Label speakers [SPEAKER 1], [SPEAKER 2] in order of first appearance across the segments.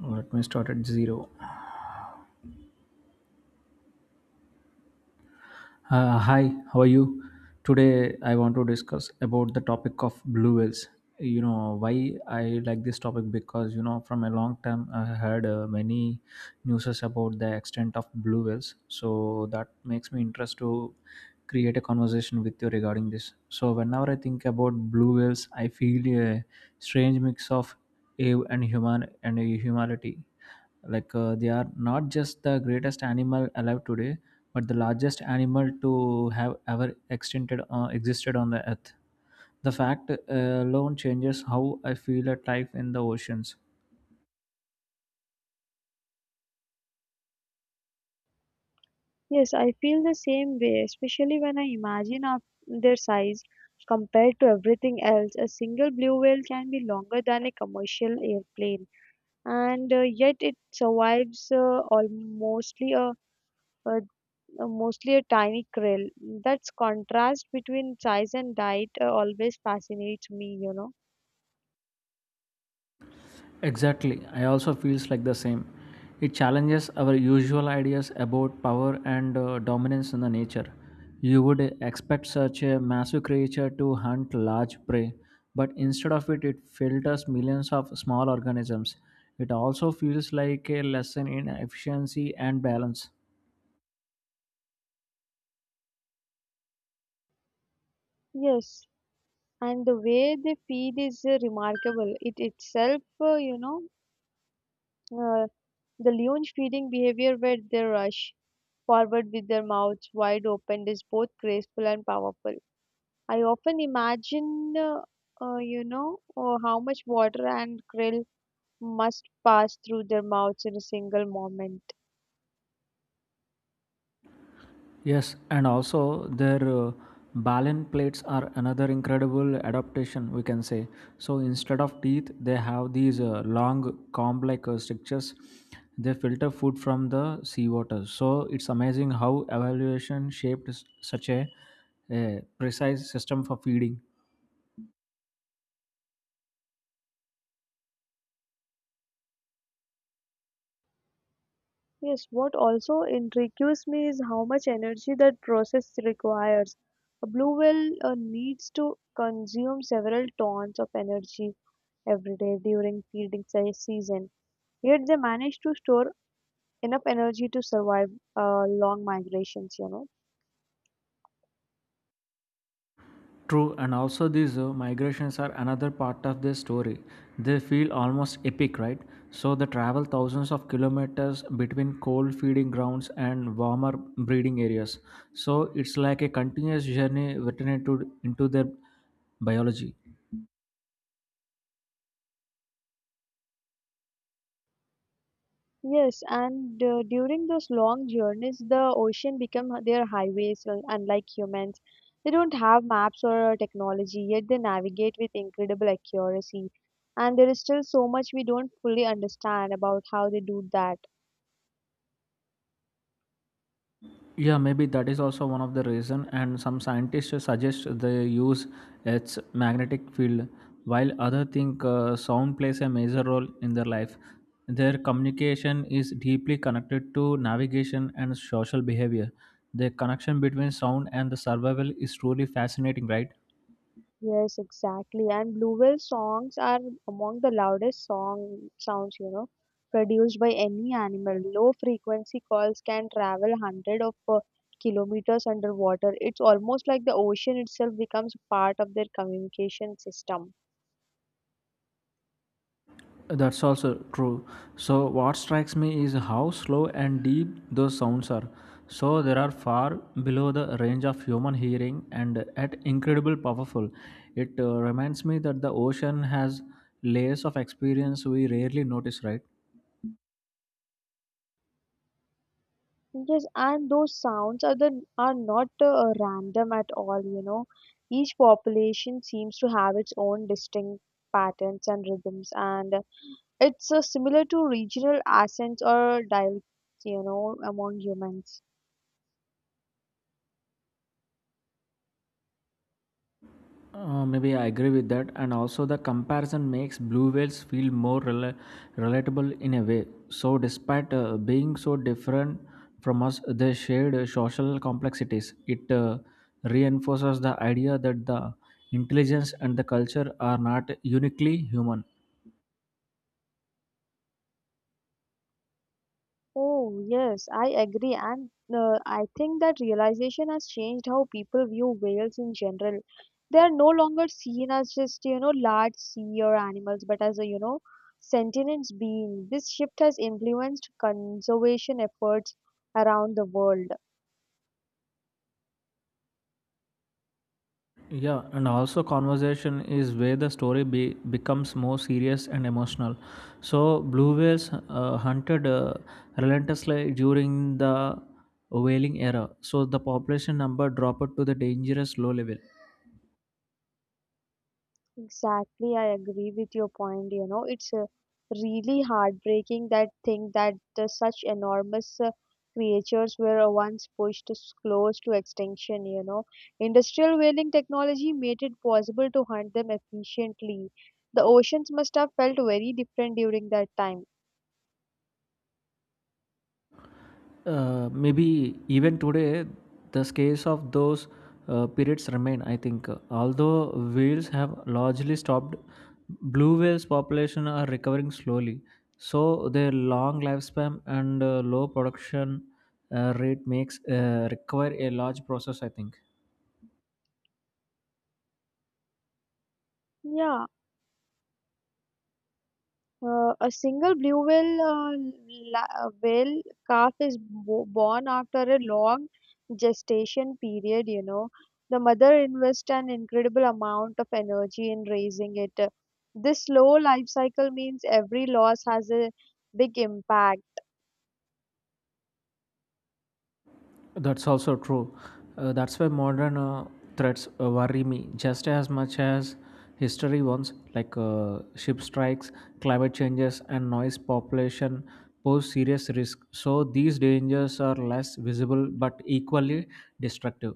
[SPEAKER 1] Let me start at zero. Hi, how are you? Today I want to discuss about the topic of blue whales. You know why I like this topic because you know from a long time I heard many newses about the extent of blue whales. So that makes me interest to create a conversation with you regarding this. So whenever I think about blue whales, I feel a strange mix of awe and human and humanity. Like they are not just the greatest animal alive today but the largest animal to have ever extinted, existed on the earth, the fact alone changes how I feel at life in the oceans.
[SPEAKER 2] Yes, I feel the same way, especially when I imagine of their size compared to everything else. A single blue whale can be longer than a commercial airplane, and yet it survives almost a mostly a tiny krill. That's contrast between size and diet always fascinates me, you know.
[SPEAKER 1] Exactly. I also feels like the same. It challenges our usual ideas about power and dominance in the nature. You would expect such a massive creature to hunt large prey, but instead of it, it filters millions of small organisms. It also feels like a lesson in efficiency and balance.
[SPEAKER 2] Yes, and the way they feed is remarkable. It itself, uh, the leon's feeding behavior where they rush forward with their mouths wide open is both graceful and powerful. I often imagine, how much water and krill must pass through their mouths in a single moment.
[SPEAKER 1] Yes, and also their balen plates are another incredible adaptation, we can say. So instead of teeth, they have these long comb like structures. They filter food from the seawater. So it's amazing how evaluation shaped such a precise system for feeding.
[SPEAKER 2] Yes, what also intrigues me is how much energy that process requires. A blue whale needs to consume several tons of energy every day during season. Yet they manage to store enough energy to survive long migrations, you know.
[SPEAKER 1] True, and also these migrations are another part of the story. They feel almost epic, right? So they travel thousands of kilometers between cold feeding grounds and warmer breeding areas. So it's like a continuous journey written into their biology.
[SPEAKER 2] Yes, and during those long journeys, the ocean become their highways, unlike humans. They don't have maps or technology, yet they navigate with incredible accuracy. And there is still so much we don't fully understand about how they do that.
[SPEAKER 1] Yeah, maybe that is also one of the reason. And some scientists suggest they use its magnetic field, while other think sound plays a major role in their life. Their communication is deeply connected to navigation and social behavior. The connection between sound and the survival is truly fascinating, right?
[SPEAKER 2] Yes, exactly. And Blue Whale songs are among the loudest song sounds, you know, produced by any animal. Low frequency calls can travel hundred of kilometers underwater. It's almost like the ocean itself becomes part of their communication system.
[SPEAKER 1] That's also true. So, what strikes me is how slow and deep those sounds are. So, they are far below the range of human hearing and at incredible powerful. It reminds me that the ocean has layers of experience we rarely notice, right?
[SPEAKER 2] Yes, and those sounds are not random at all, you know. Each population seems to have its own distinct patterns and rhythms, and it's similar to regional accents or dialects, you know, among humans.
[SPEAKER 1] Maybe I agree with that, and also the comparison makes blue whales feel more relatable in a way. So, despite being so different from us, they shared social complexities. It reinforces the idea that the intelligence and the culture are not uniquely human.
[SPEAKER 2] Oh, yes, I agree. And I think that realization has changed how people view whales in general. They are no longer seen as just, you know, large sea or animals, but as a, you know, sentient being. This shift has influenced conservation efforts around the world.
[SPEAKER 1] Yeah, and also conversation is where the story becomes more serious and emotional. So blue whales hunted relentlessly during the whaling era. So the population number dropped to the dangerous low level.
[SPEAKER 2] Exactly, I agree with your point. You know, it's really heartbreaking that thing that the, such enormous creatures were once close to extinction. You know, industrial whaling technology made it possible to hunt them efficiently. The oceans must have felt very different during that time.
[SPEAKER 1] Maybe even today the scales of those periods remain, I think, although whales have largely stopped, blue whales population are recovering slowly, so their long lifespan and low production rate makes require a large process, I think.
[SPEAKER 2] Yeah. A single blue whale, whale calf is born after a long gestation period. You know, the mother invests an incredible amount of energy in raising it. This slow life cycle means every loss has a big impact.
[SPEAKER 1] That's also true. That's why modern threats worry me just as much as history ones, like ship strikes, climate changes, and noise population pose serious risk. So these dangers are less visible but equally destructive.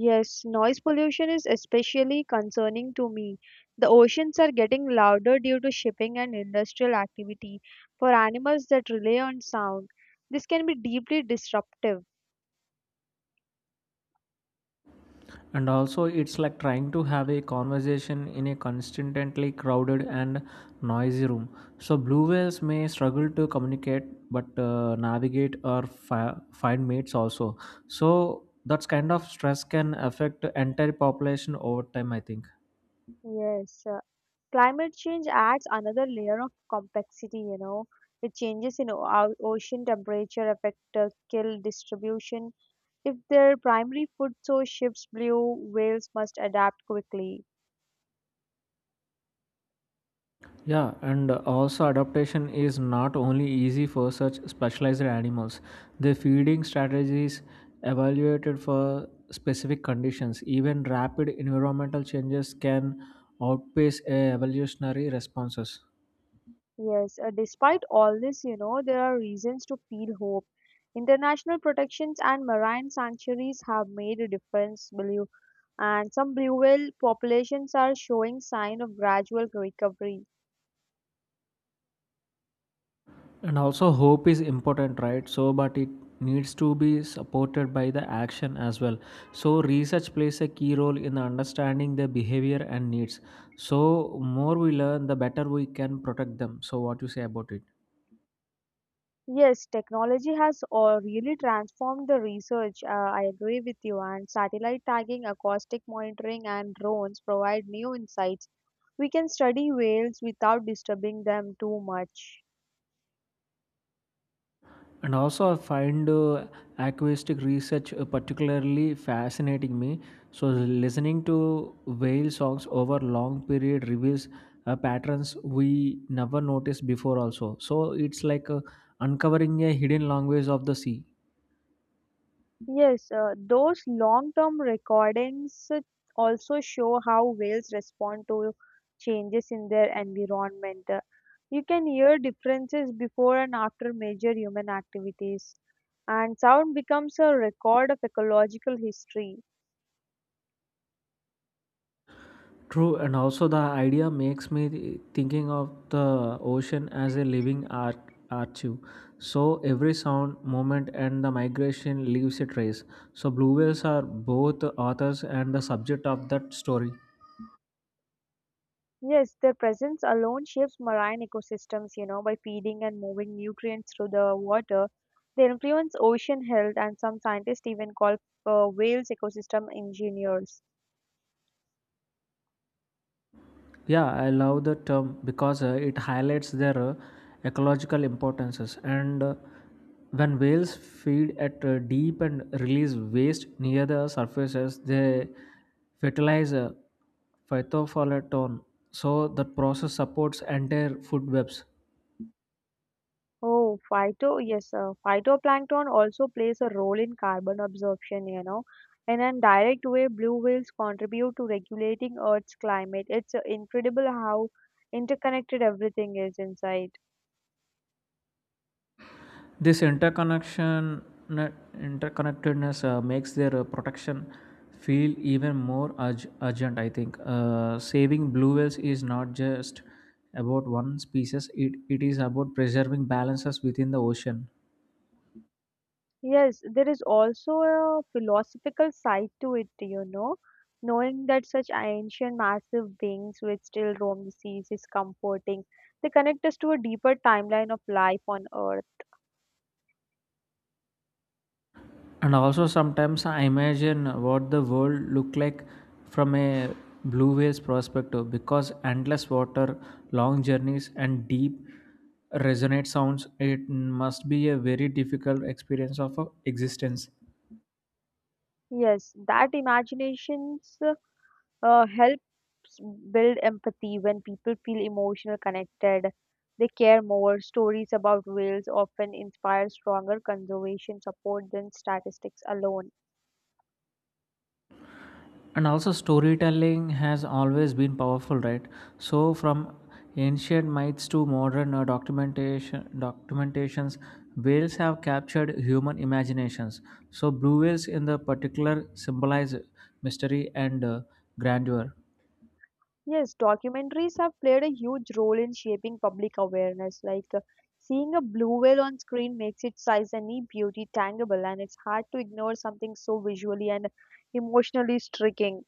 [SPEAKER 2] Yes, noise pollution is especially concerning to me. The oceans are getting louder due to shipping and industrial activity for animals that rely on sound. This can be deeply disruptive.
[SPEAKER 1] And also it's like trying to have a conversation in a constantly crowded and noisy room, so blue whales may struggle to communicate but navigate or find mates also, so that kind of stress can affect entire population over time, I think.
[SPEAKER 2] Yes, climate change adds another layer of complexity, you know. It changes in our ocean temperature affect kill distribution. If their primary food source shifts blue, whales must adapt quickly.
[SPEAKER 1] Yeah, and also adaptation is not only easy for such specialized animals. The feeding strategies evaluated for specific conditions, even rapid environmental changes can outpace a evolutionary responses.
[SPEAKER 2] Yes, despite all this, you know, there are reasons to feel hope. International protections and marine sanctuaries have made a difference, blue, and some blue whale populations are showing sign of gradual recovery.
[SPEAKER 1] And also hope is important, right? So, but it needs to be supported by the action as well. So, research plays a key role in understanding their behavior and needs. So, more we learn, the better we can protect them. So, what you say about it?
[SPEAKER 2] Yes, technology has really transformed the research. I agree with you. And satellite tagging, acoustic monitoring, and drones provide new insights. We can study whales without disturbing them too much.
[SPEAKER 1] And also, I find acoustic research particularly fascinating me. So, listening to whale songs over long period reveals patterns we never noticed before. Also, so it's like uncovering a hidden language of the sea.
[SPEAKER 2] Yes, those long-term recordings also show how whales respond to changes in their environment. You can hear differences before and after major human activities, and sound becomes a record of ecological history.
[SPEAKER 1] True, and also the idea makes me thinking of the ocean as a living art archive. So every sound, movement, and the migration leaves a trace. So blue whales are both the authors and the subject of that story.
[SPEAKER 2] Yes, their presence alone shapes marine ecosystems, you know, by feeding and moving nutrients through the water. They influence ocean health, and some scientists even call whales ecosystem engineers.
[SPEAKER 1] Yeah, I love the term because it highlights their ecological importances. And when whales feed at deep and release waste near the surfaces, they fertilize phytoplankton. So the process supports entire food webs.
[SPEAKER 2] Oh, phyto, yes, phytoplankton also plays a role in carbon absorption, you know. In a direct way, blue whales contribute to regulating Earth's climate. It's incredible how interconnected everything is inside.
[SPEAKER 1] This interconnection, Interconnectedness makes their protection feel even more urgent. I think saving blue whales is not just about one species; it is about preserving balances within the ocean.
[SPEAKER 2] Yes, there is also a philosophical side to it, you know. Knowing that such ancient massive beings which still roam the seas is comforting. They connect us to a deeper timeline of life on Earth.
[SPEAKER 1] And also sometimes I imagine what the world looked like from a blue whale's perspective, because endless water, long journeys, and deep resonate sounds, it must be a very difficult experience of existence.
[SPEAKER 2] Yes, that imaginations helps build empathy. When people feel emotional connected, they care more. Stories about whales often inspire stronger conservation support than statistics alone.
[SPEAKER 1] And also storytelling has always been powerful, right? So from ancient myths to modern documentations, whales have captured human imaginations. So blue whales in the particular symbolize mystery and grandeur.
[SPEAKER 2] Yes, documentaries have played a huge role in shaping public awareness. Like, seeing a blue whale on screen makes its size and beauty tangible, and it's hard to ignore something so visually and emotionally striking.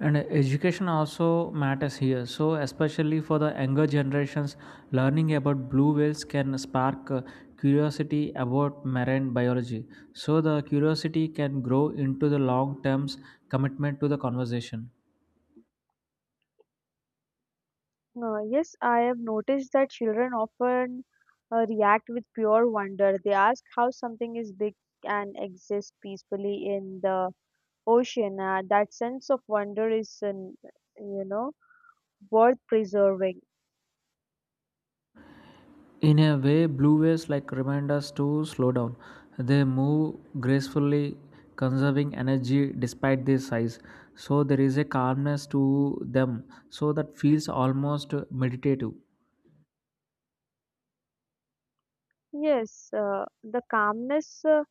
[SPEAKER 1] And education also matters here, so especially for the younger generations, learning about blue whales can spark curiosity about marine biology. So the curiosity can grow into the long term commitment to the conversation.
[SPEAKER 2] Yes, I have noticed that children often react with pure wonder. They ask how something is big and exists peacefully in the ocean. That sense of wonder is, an, you know, worth preserving.
[SPEAKER 1] In a way blue whales like remind us to slow down. They move gracefully, conserving energy despite their size. So there is a calmness to them, so that feels almost meditative.
[SPEAKER 2] Yes, the calmness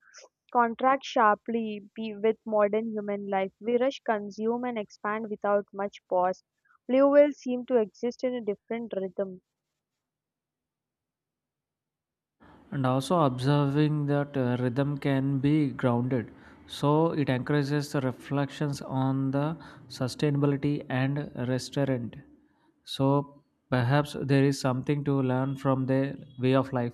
[SPEAKER 2] contracts sharply be with modern human life. We rush, consume, and expand without much pause. Blue whales seem to exist in a different rhythm.
[SPEAKER 1] And also observing that rhythm can be grounded, so it encourages the reflections on the sustainability and restaurant, so perhaps there is something to learn from their way of life.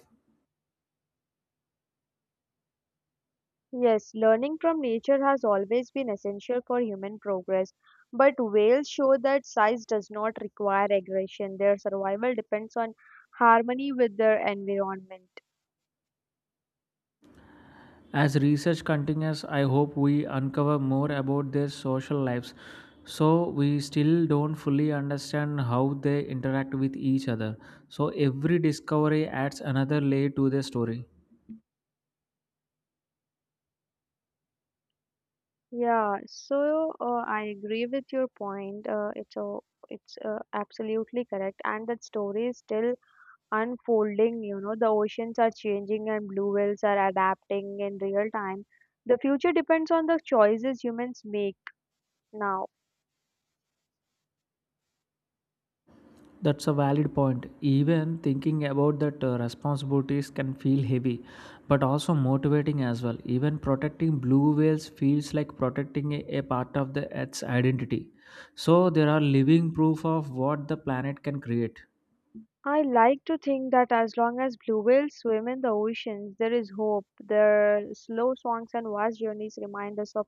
[SPEAKER 2] Yes, learning from nature has always been essential for human progress, but whales show that size does not require aggression. Their survival depends on harmony with their environment.
[SPEAKER 1] As research continues, I hope we uncover more about their social lives. So we still don't fully understand how they interact with each other, so every discovery adds another layer to their story.
[SPEAKER 2] Yeah, so I agree with your point. It's absolutely correct, and that story is still unfolding. You know, the oceans are changing, and blue whales are adapting in real time. The future depends on the choices humans make now.
[SPEAKER 1] That's a valid point. Even thinking about that responsibilities can feel heavy, but also motivating as well. Even protecting blue whales feels like protecting a part of the Earth's identity. So there are living proof of what the planet can create.
[SPEAKER 2] I like to think that as long as blue whales swim in the oceans, there is hope. Their slow songs and vast journeys remind us of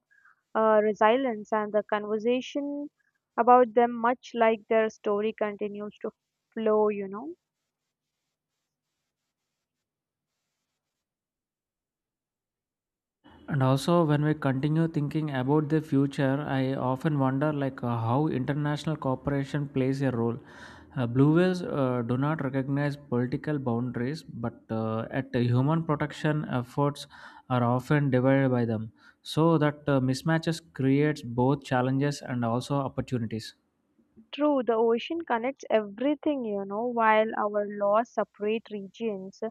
[SPEAKER 2] resilience, and the conversation about them, much like their story, continues to flow, you know.
[SPEAKER 1] And also, when we continue thinking about the future, I often wonder like how international cooperation plays a role. Blue whales do not recognize political boundaries, but at the human protection efforts are often divided by them. So that mismatches creates both challenges and also opportunities.
[SPEAKER 2] True, the ocean connects everything, you know, while our laws separate regions.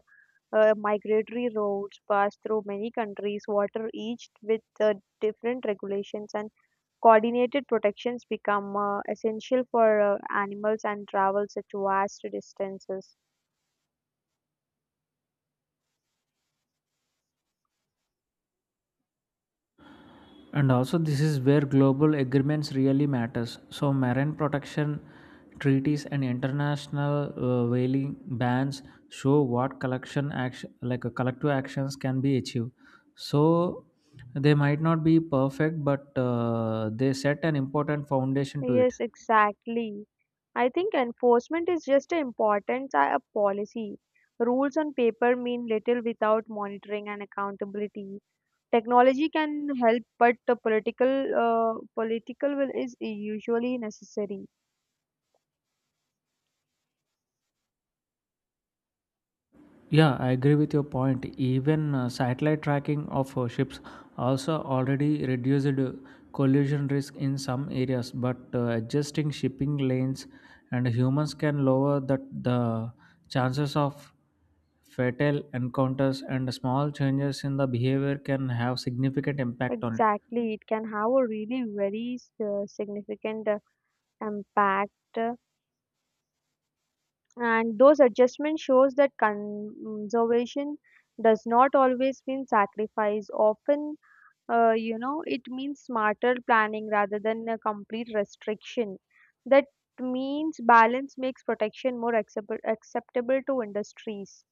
[SPEAKER 2] Migratory routes pass through many countries, water each with different regulations, and coordinated protections become essential for animals and travel such vast distances.
[SPEAKER 1] And also this is where global agreements really matters, so marine protection treaties and international whaling bans show what collection action like a collective actions can be achieved. So they might not be perfect but they set an important foundation to it.
[SPEAKER 2] Yes, exactly. I think enforcement is just as important as a policy. Rules on paper mean little without monitoring and accountability. Technology can help, but the political will is usually necessary.
[SPEAKER 1] Yeah, I agree with your point. Even satellite tracking of ships also already reduced collision risk in some areas, but adjusting shipping lanes and humans can lower that the chances of fatal encounters, and small changes in the behavior can have significant impact on it.
[SPEAKER 2] Exactly, it can have a really very significant impact, and those adjustments shows that conservation does not always mean sacrifice. Often, you know, it means smarter planning rather than a complete restriction. That means balance makes protection more acceptable acceptable to industries.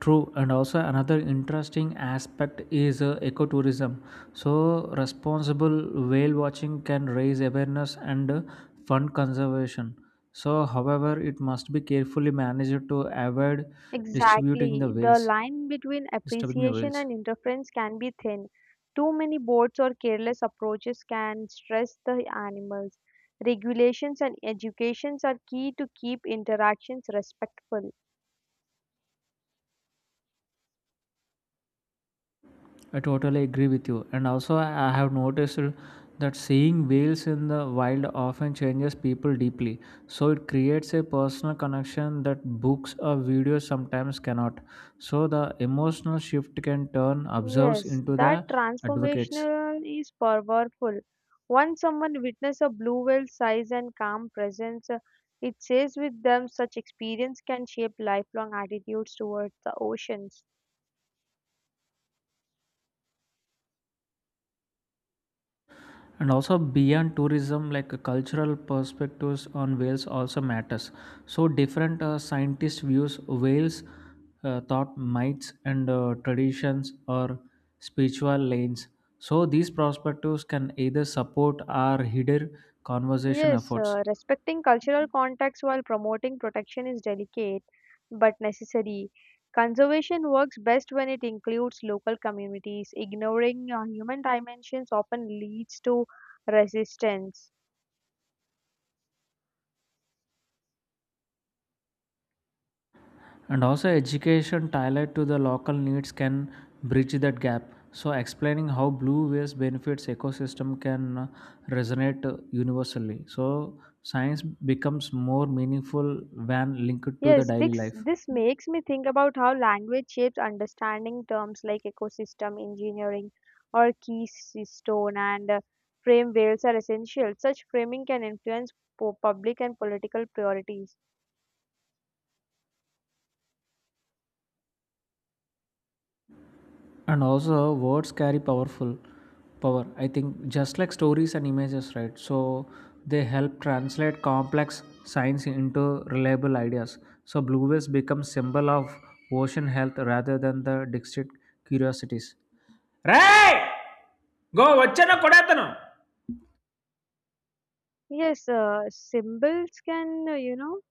[SPEAKER 1] True, and also another interesting aspect is ecotourism. So, responsible whale watching can raise awareness and fund conservation. So, however, it must be carefully managed to avoid distributing the
[SPEAKER 2] Exactly. The
[SPEAKER 1] whales,
[SPEAKER 2] line between
[SPEAKER 1] disturbing the
[SPEAKER 2] appreciation
[SPEAKER 1] whales.
[SPEAKER 2] and interference can be thin. Too many boards or careless approaches can stress the animals. Regulations and educations are key to keep interactions respectful.
[SPEAKER 1] I totally agree with you. And also, I have noticed that seeing whales in the wild often changes people deeply. So, it creates a personal connection that books or videos sometimes cannot. So, the emotional shift can turn observers
[SPEAKER 2] Yes,
[SPEAKER 1] into the
[SPEAKER 2] that
[SPEAKER 1] advocates.
[SPEAKER 2] transformational is powerful. Once someone witnesses a blue whale size and calm presence, it says with them. Such experience can shape lifelong attitudes towards the oceans.
[SPEAKER 1] And also beyond tourism like cultural perspectives on whales also matters, so different scientist views whales thought myths and traditions or spiritual lanes, so these perspectives can either support our hidden conservation
[SPEAKER 2] Yes,
[SPEAKER 1] efforts.
[SPEAKER 2] respecting cultural contexts while promoting protection is delicate but necessary. Conservation works best when it includes local communities. Ignoring human dimensions often leads to resistance.
[SPEAKER 1] And also, education tailored to the local needs can bridge that gap. So, explaining how blue waste benefits ecosystem can resonate universally. So, science becomes more meaningful when linked to the
[SPEAKER 2] Yes,
[SPEAKER 1] daily
[SPEAKER 2] this,
[SPEAKER 1] life.
[SPEAKER 2] this makes me think about how language shapes understanding. Terms like ecosystem engineering or keystone and frame whales are essential. Such framing can influence public and political priorities.
[SPEAKER 1] And also words carry powerful power I think just like stories and images right so they help translate complex science into reliable ideas so blue waves become symbol of ocean health rather than the district curiosities రే గో వచ్చాను కొడేతను.
[SPEAKER 2] Yes, symbols can, you know,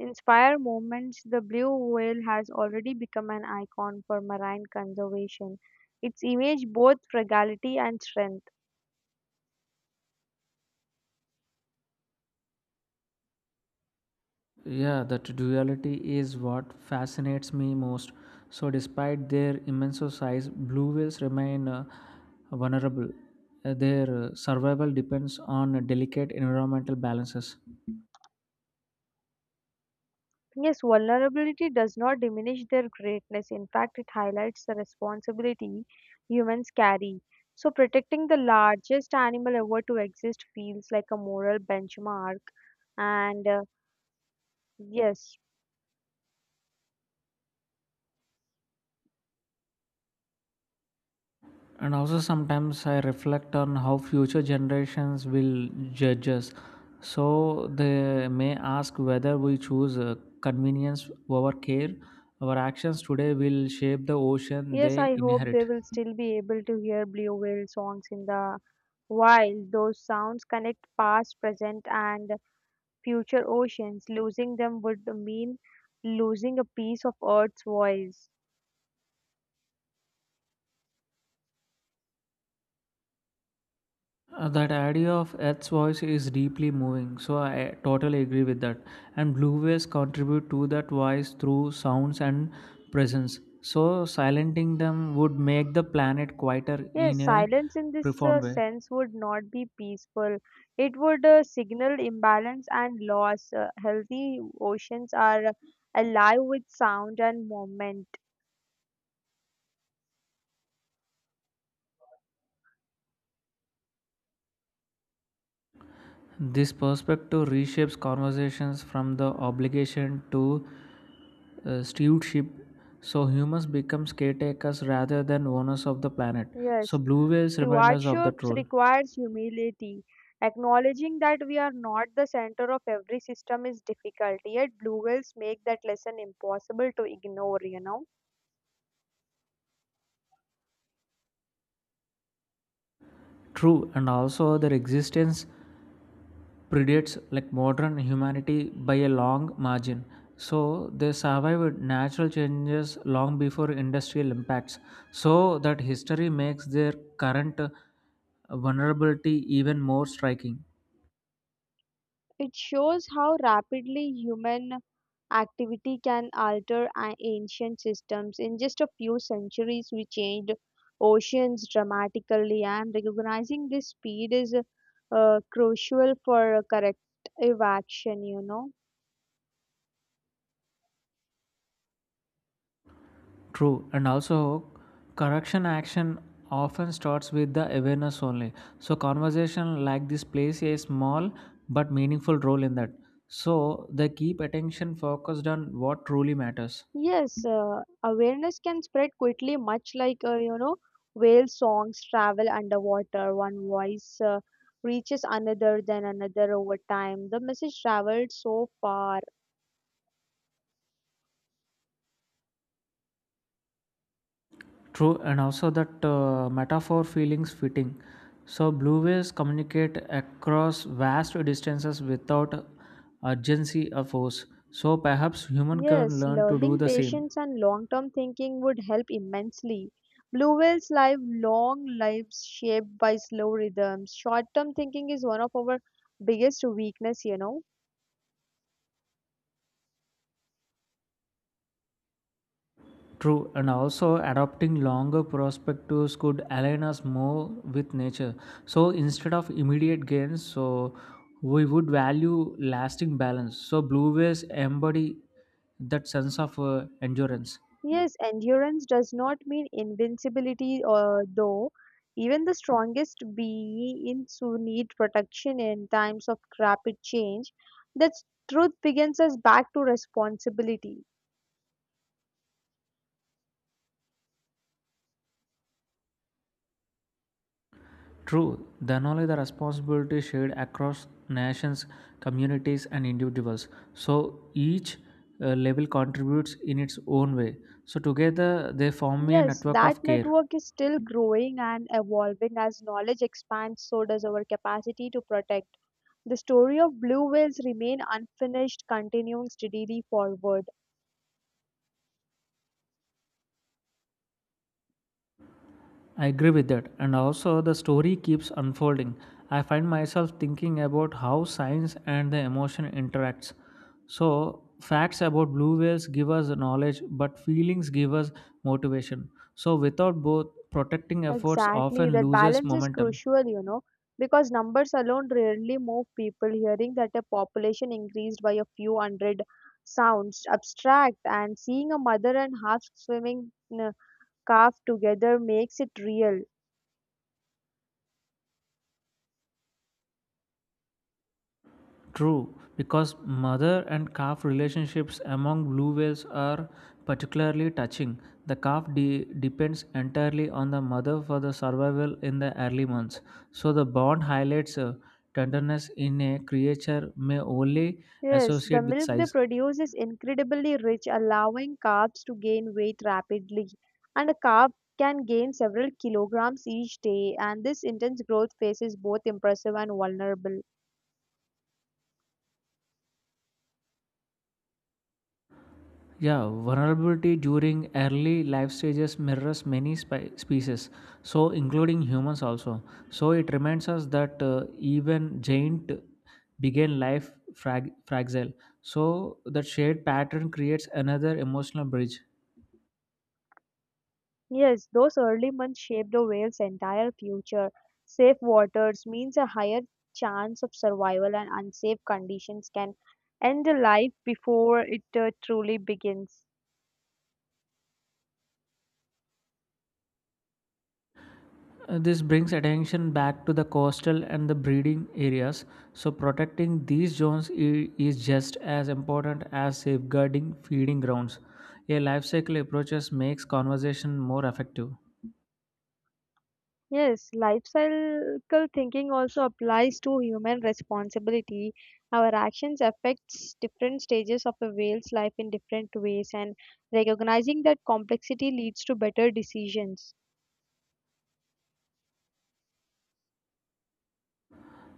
[SPEAKER 2] inspire movements. The blue whale has already become an icon for marine conservation. Its image both fragility and strength.
[SPEAKER 1] Yeah, that duality is what fascinates me most. So, despite their immense size, blue whales remain vulnerable. Their survival depends on delicate environmental balances.
[SPEAKER 2] Yes, vulnerability does not diminish their greatness. In fact, it highlights the responsibility humans carry. So, protecting the largest animal ever to exist feels like a moral benchmark. And yes,
[SPEAKER 1] And also, sometimes I reflect on how future generations will judge us. So, they may ask whether we choose convenience over care. Our actions today will shape the ocean
[SPEAKER 2] yes,
[SPEAKER 1] they
[SPEAKER 2] I hope they
[SPEAKER 1] inherit.
[SPEAKER 2] will still be able to hear blue whale songs in the wild. Those sounds connect past, present, and future oceans. Losing them would mean losing a piece of Earth's voice.
[SPEAKER 1] That idea of Ed's voice is deeply moving, so I totally agree with that. And blue waves contribute to that voice through sounds and presence. So silencing them would make the planet quieter in
[SPEAKER 2] Yes,
[SPEAKER 1] a
[SPEAKER 2] silence in this
[SPEAKER 1] profound way.
[SPEAKER 2] sense would not be peaceful. It would signal imbalance and loss. Healthy oceans are alive with sound and movement.
[SPEAKER 1] This perspective reshapes conversations from the obligation to stewardship. So humans become caretakers rather than owners of the planet. So
[SPEAKER 2] Yes,
[SPEAKER 1] blue waves remind us of that
[SPEAKER 2] stewardships
[SPEAKER 1] role.
[SPEAKER 2] requires humility. Acknowledging that we are not the center of every system is difficult, yet blue whales make that lesson impossible to ignore, you know.
[SPEAKER 1] True, and also their existence predates like modern humanity by a long margin. So they survived natural changes long before industrial impacts. So that history makes their current vulnerability even more striking.
[SPEAKER 2] It shows how rapidly human activity can alter ancient systems. In just a few centuries, we changed oceans dramatically, and recognizing this speed is crucial for corrective action, you know.
[SPEAKER 1] True, and also correction action often starts with the awareness only. So conversation like this plays a small but meaningful role in that. So they keep attention focused on what truly matters.
[SPEAKER 2] Yes, awareness can spread quickly, much like you know, whale songs travel underwater. One voice reaches another, then another. Over time, the message traveled so far.
[SPEAKER 1] True, and also that metaphor feelings fitting. So, blue waves communicate across vast distances without urgency or force. So, perhaps human can
[SPEAKER 2] Yes,
[SPEAKER 1] learn to do
[SPEAKER 2] learning
[SPEAKER 1] the same.
[SPEAKER 2] patience and long-term thinking would help immensely. Blue whales live long lives shaped by slow rhythms. Short-term thinking is one of our biggest weakness, you know.
[SPEAKER 1] True, and also adopting longer perspectives could align us more with nature. So, instead of immediate gains, so we would value lasting balance. So, blue waves embody that sense of endurance.
[SPEAKER 2] Yes, endurance does not mean invincibility, though. Even the strongest beings who need protection in times of rapid change, that truth begins us back to responsibility.
[SPEAKER 1] True, then only the responsibility shared across nations, communities, and individuals. So each level contributes in its own way. So together they form a
[SPEAKER 2] Yes,
[SPEAKER 1] network
[SPEAKER 2] that
[SPEAKER 1] of care.
[SPEAKER 2] network is still growing and evolving. As knowledge expands, so does our capacity to protect. The story of blue whales remain unfinished, continuing steadily forward.
[SPEAKER 1] I agree with that. And also, the story keeps unfolding. I find myself thinking about how science and the emotion interacts. So, facts about blue whales give us knowledge, but feelings give us motivation. So, without both, protecting efforts
[SPEAKER 2] Exactly,
[SPEAKER 1] often
[SPEAKER 2] that
[SPEAKER 1] loses
[SPEAKER 2] balance is
[SPEAKER 1] momentum.
[SPEAKER 2] crucial, you know, because numbers alone rarely move people. Hearing that a population increased by a few hundred sounds abstract, and seeing a mother and half swimming uh, calf together makes it real.
[SPEAKER 1] True, because mother and calf relationships among blue whales are particularly touching. The calf depends entirely on the mother for the survival in the early months. So the bond highlights tenderness in a creature may only
[SPEAKER 2] Yes, the
[SPEAKER 1] associate with
[SPEAKER 2] milk they
[SPEAKER 1] size.
[SPEAKER 2] produce is incredibly rich, allowing calves to gain weight rapidly, and a calf can gain several kilograms each day. And this intense growth phase is both impressive and vulnerable.
[SPEAKER 1] Yeah, vulnerability during early life stages mirrors many species, so including humans also. So it reminds us that even giant began life fragile. So that shared pattern creates another emotional bridge.
[SPEAKER 2] Yes, those early months shaped the whale's entire future. Safe waters means a higher chance of survival, and unsafe conditions can end the life before it truly begins.
[SPEAKER 1] This brings attention back to the coastal and the breeding areas. So protecting these zones is just as important as safeguarding feeding grounds. A life cycle approaches makes conversation more effective.
[SPEAKER 2] Yes, life cycle thinking also applies to human responsibility. Our actions affects different stages of a whale's life in different ways, and recognizing that complexity leads to better decisions.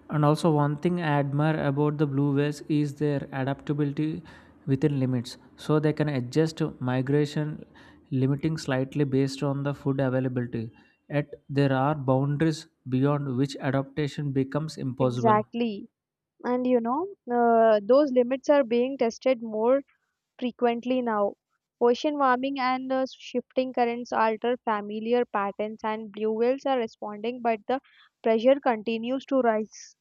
[SPEAKER 1] And also, one thing I admire about the blue whales is their adaptability within limits. So they can adjust migration limiting slightly based on the food availability. Yet there are boundaries beyond which adaptation becomes impossible.
[SPEAKER 2] Exactly. And you know, those limits are being tested more frequently now. Ocean warming and shifting currents alter familiar patterns, and blue whales are responding, but the pressure continues to rise.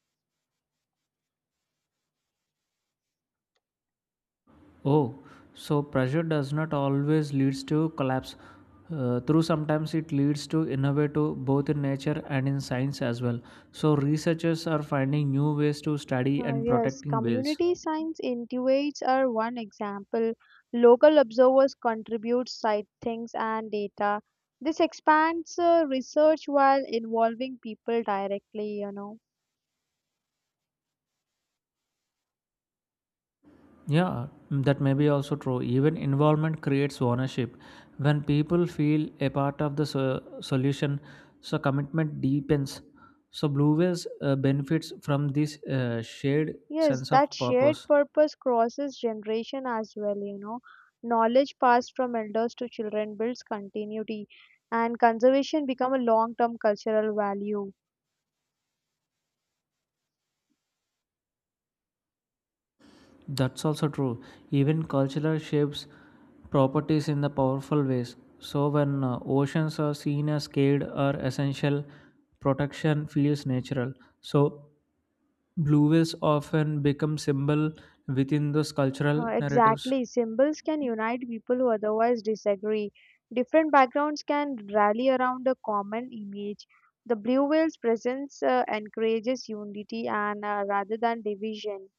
[SPEAKER 1] Oh, so pressure does not always leads to collapse. Through sometimes it leads to innovative both in nature and in science as well. So researchers are finding new ways to study
[SPEAKER 2] Uh,
[SPEAKER 1] and
[SPEAKER 2] yes,
[SPEAKER 1] protecting whales.
[SPEAKER 2] community science intuits are one example. Local observers contribute sightings and data. This expands research while involving people directly, you know.
[SPEAKER 1] Yeah, that may be also true. Even involvement creates ownership. When people feel a part of the solution, so commitment deepens. So Blue Whales benefits from this shared
[SPEAKER 2] Yes,
[SPEAKER 1] sense of
[SPEAKER 2] that shared
[SPEAKER 1] purpose.
[SPEAKER 2] purpose crosses generation as well, you know. Knowledge passed from elders to children builds continuity, and conservation become a long-term cultural value.
[SPEAKER 1] That's also true. Even cultural shapes properties in the powerful ways. So when oceans are seen as scared or essential, protection feels natural. So Blue Blueways often become symbol within those
[SPEAKER 2] Uh,
[SPEAKER 1] cultural narratives.
[SPEAKER 2] exactly, symbols can unite people who otherwise disagree. Different backgrounds can rally around a common image. The blue whale's presence encourages unity and rather than division.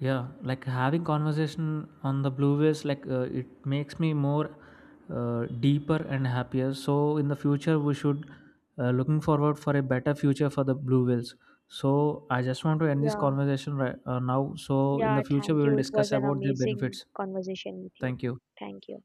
[SPEAKER 1] Yeah, like having conversation on the blue Blueways, like it makes me more deeper and happier. So in the future, we should looking forward for a better future for the blue whales. So I just want to end this
[SPEAKER 2] Yeah,
[SPEAKER 1] conversation right now. So in
[SPEAKER 2] yeah,
[SPEAKER 1] the future,
[SPEAKER 2] thank
[SPEAKER 1] we
[SPEAKER 2] you.
[SPEAKER 1] will
[SPEAKER 2] It was
[SPEAKER 1] discuss
[SPEAKER 2] an
[SPEAKER 1] about their
[SPEAKER 2] amazing
[SPEAKER 1] benefits.
[SPEAKER 2] conversation with you.
[SPEAKER 1] Thank you.
[SPEAKER 2] Thank you.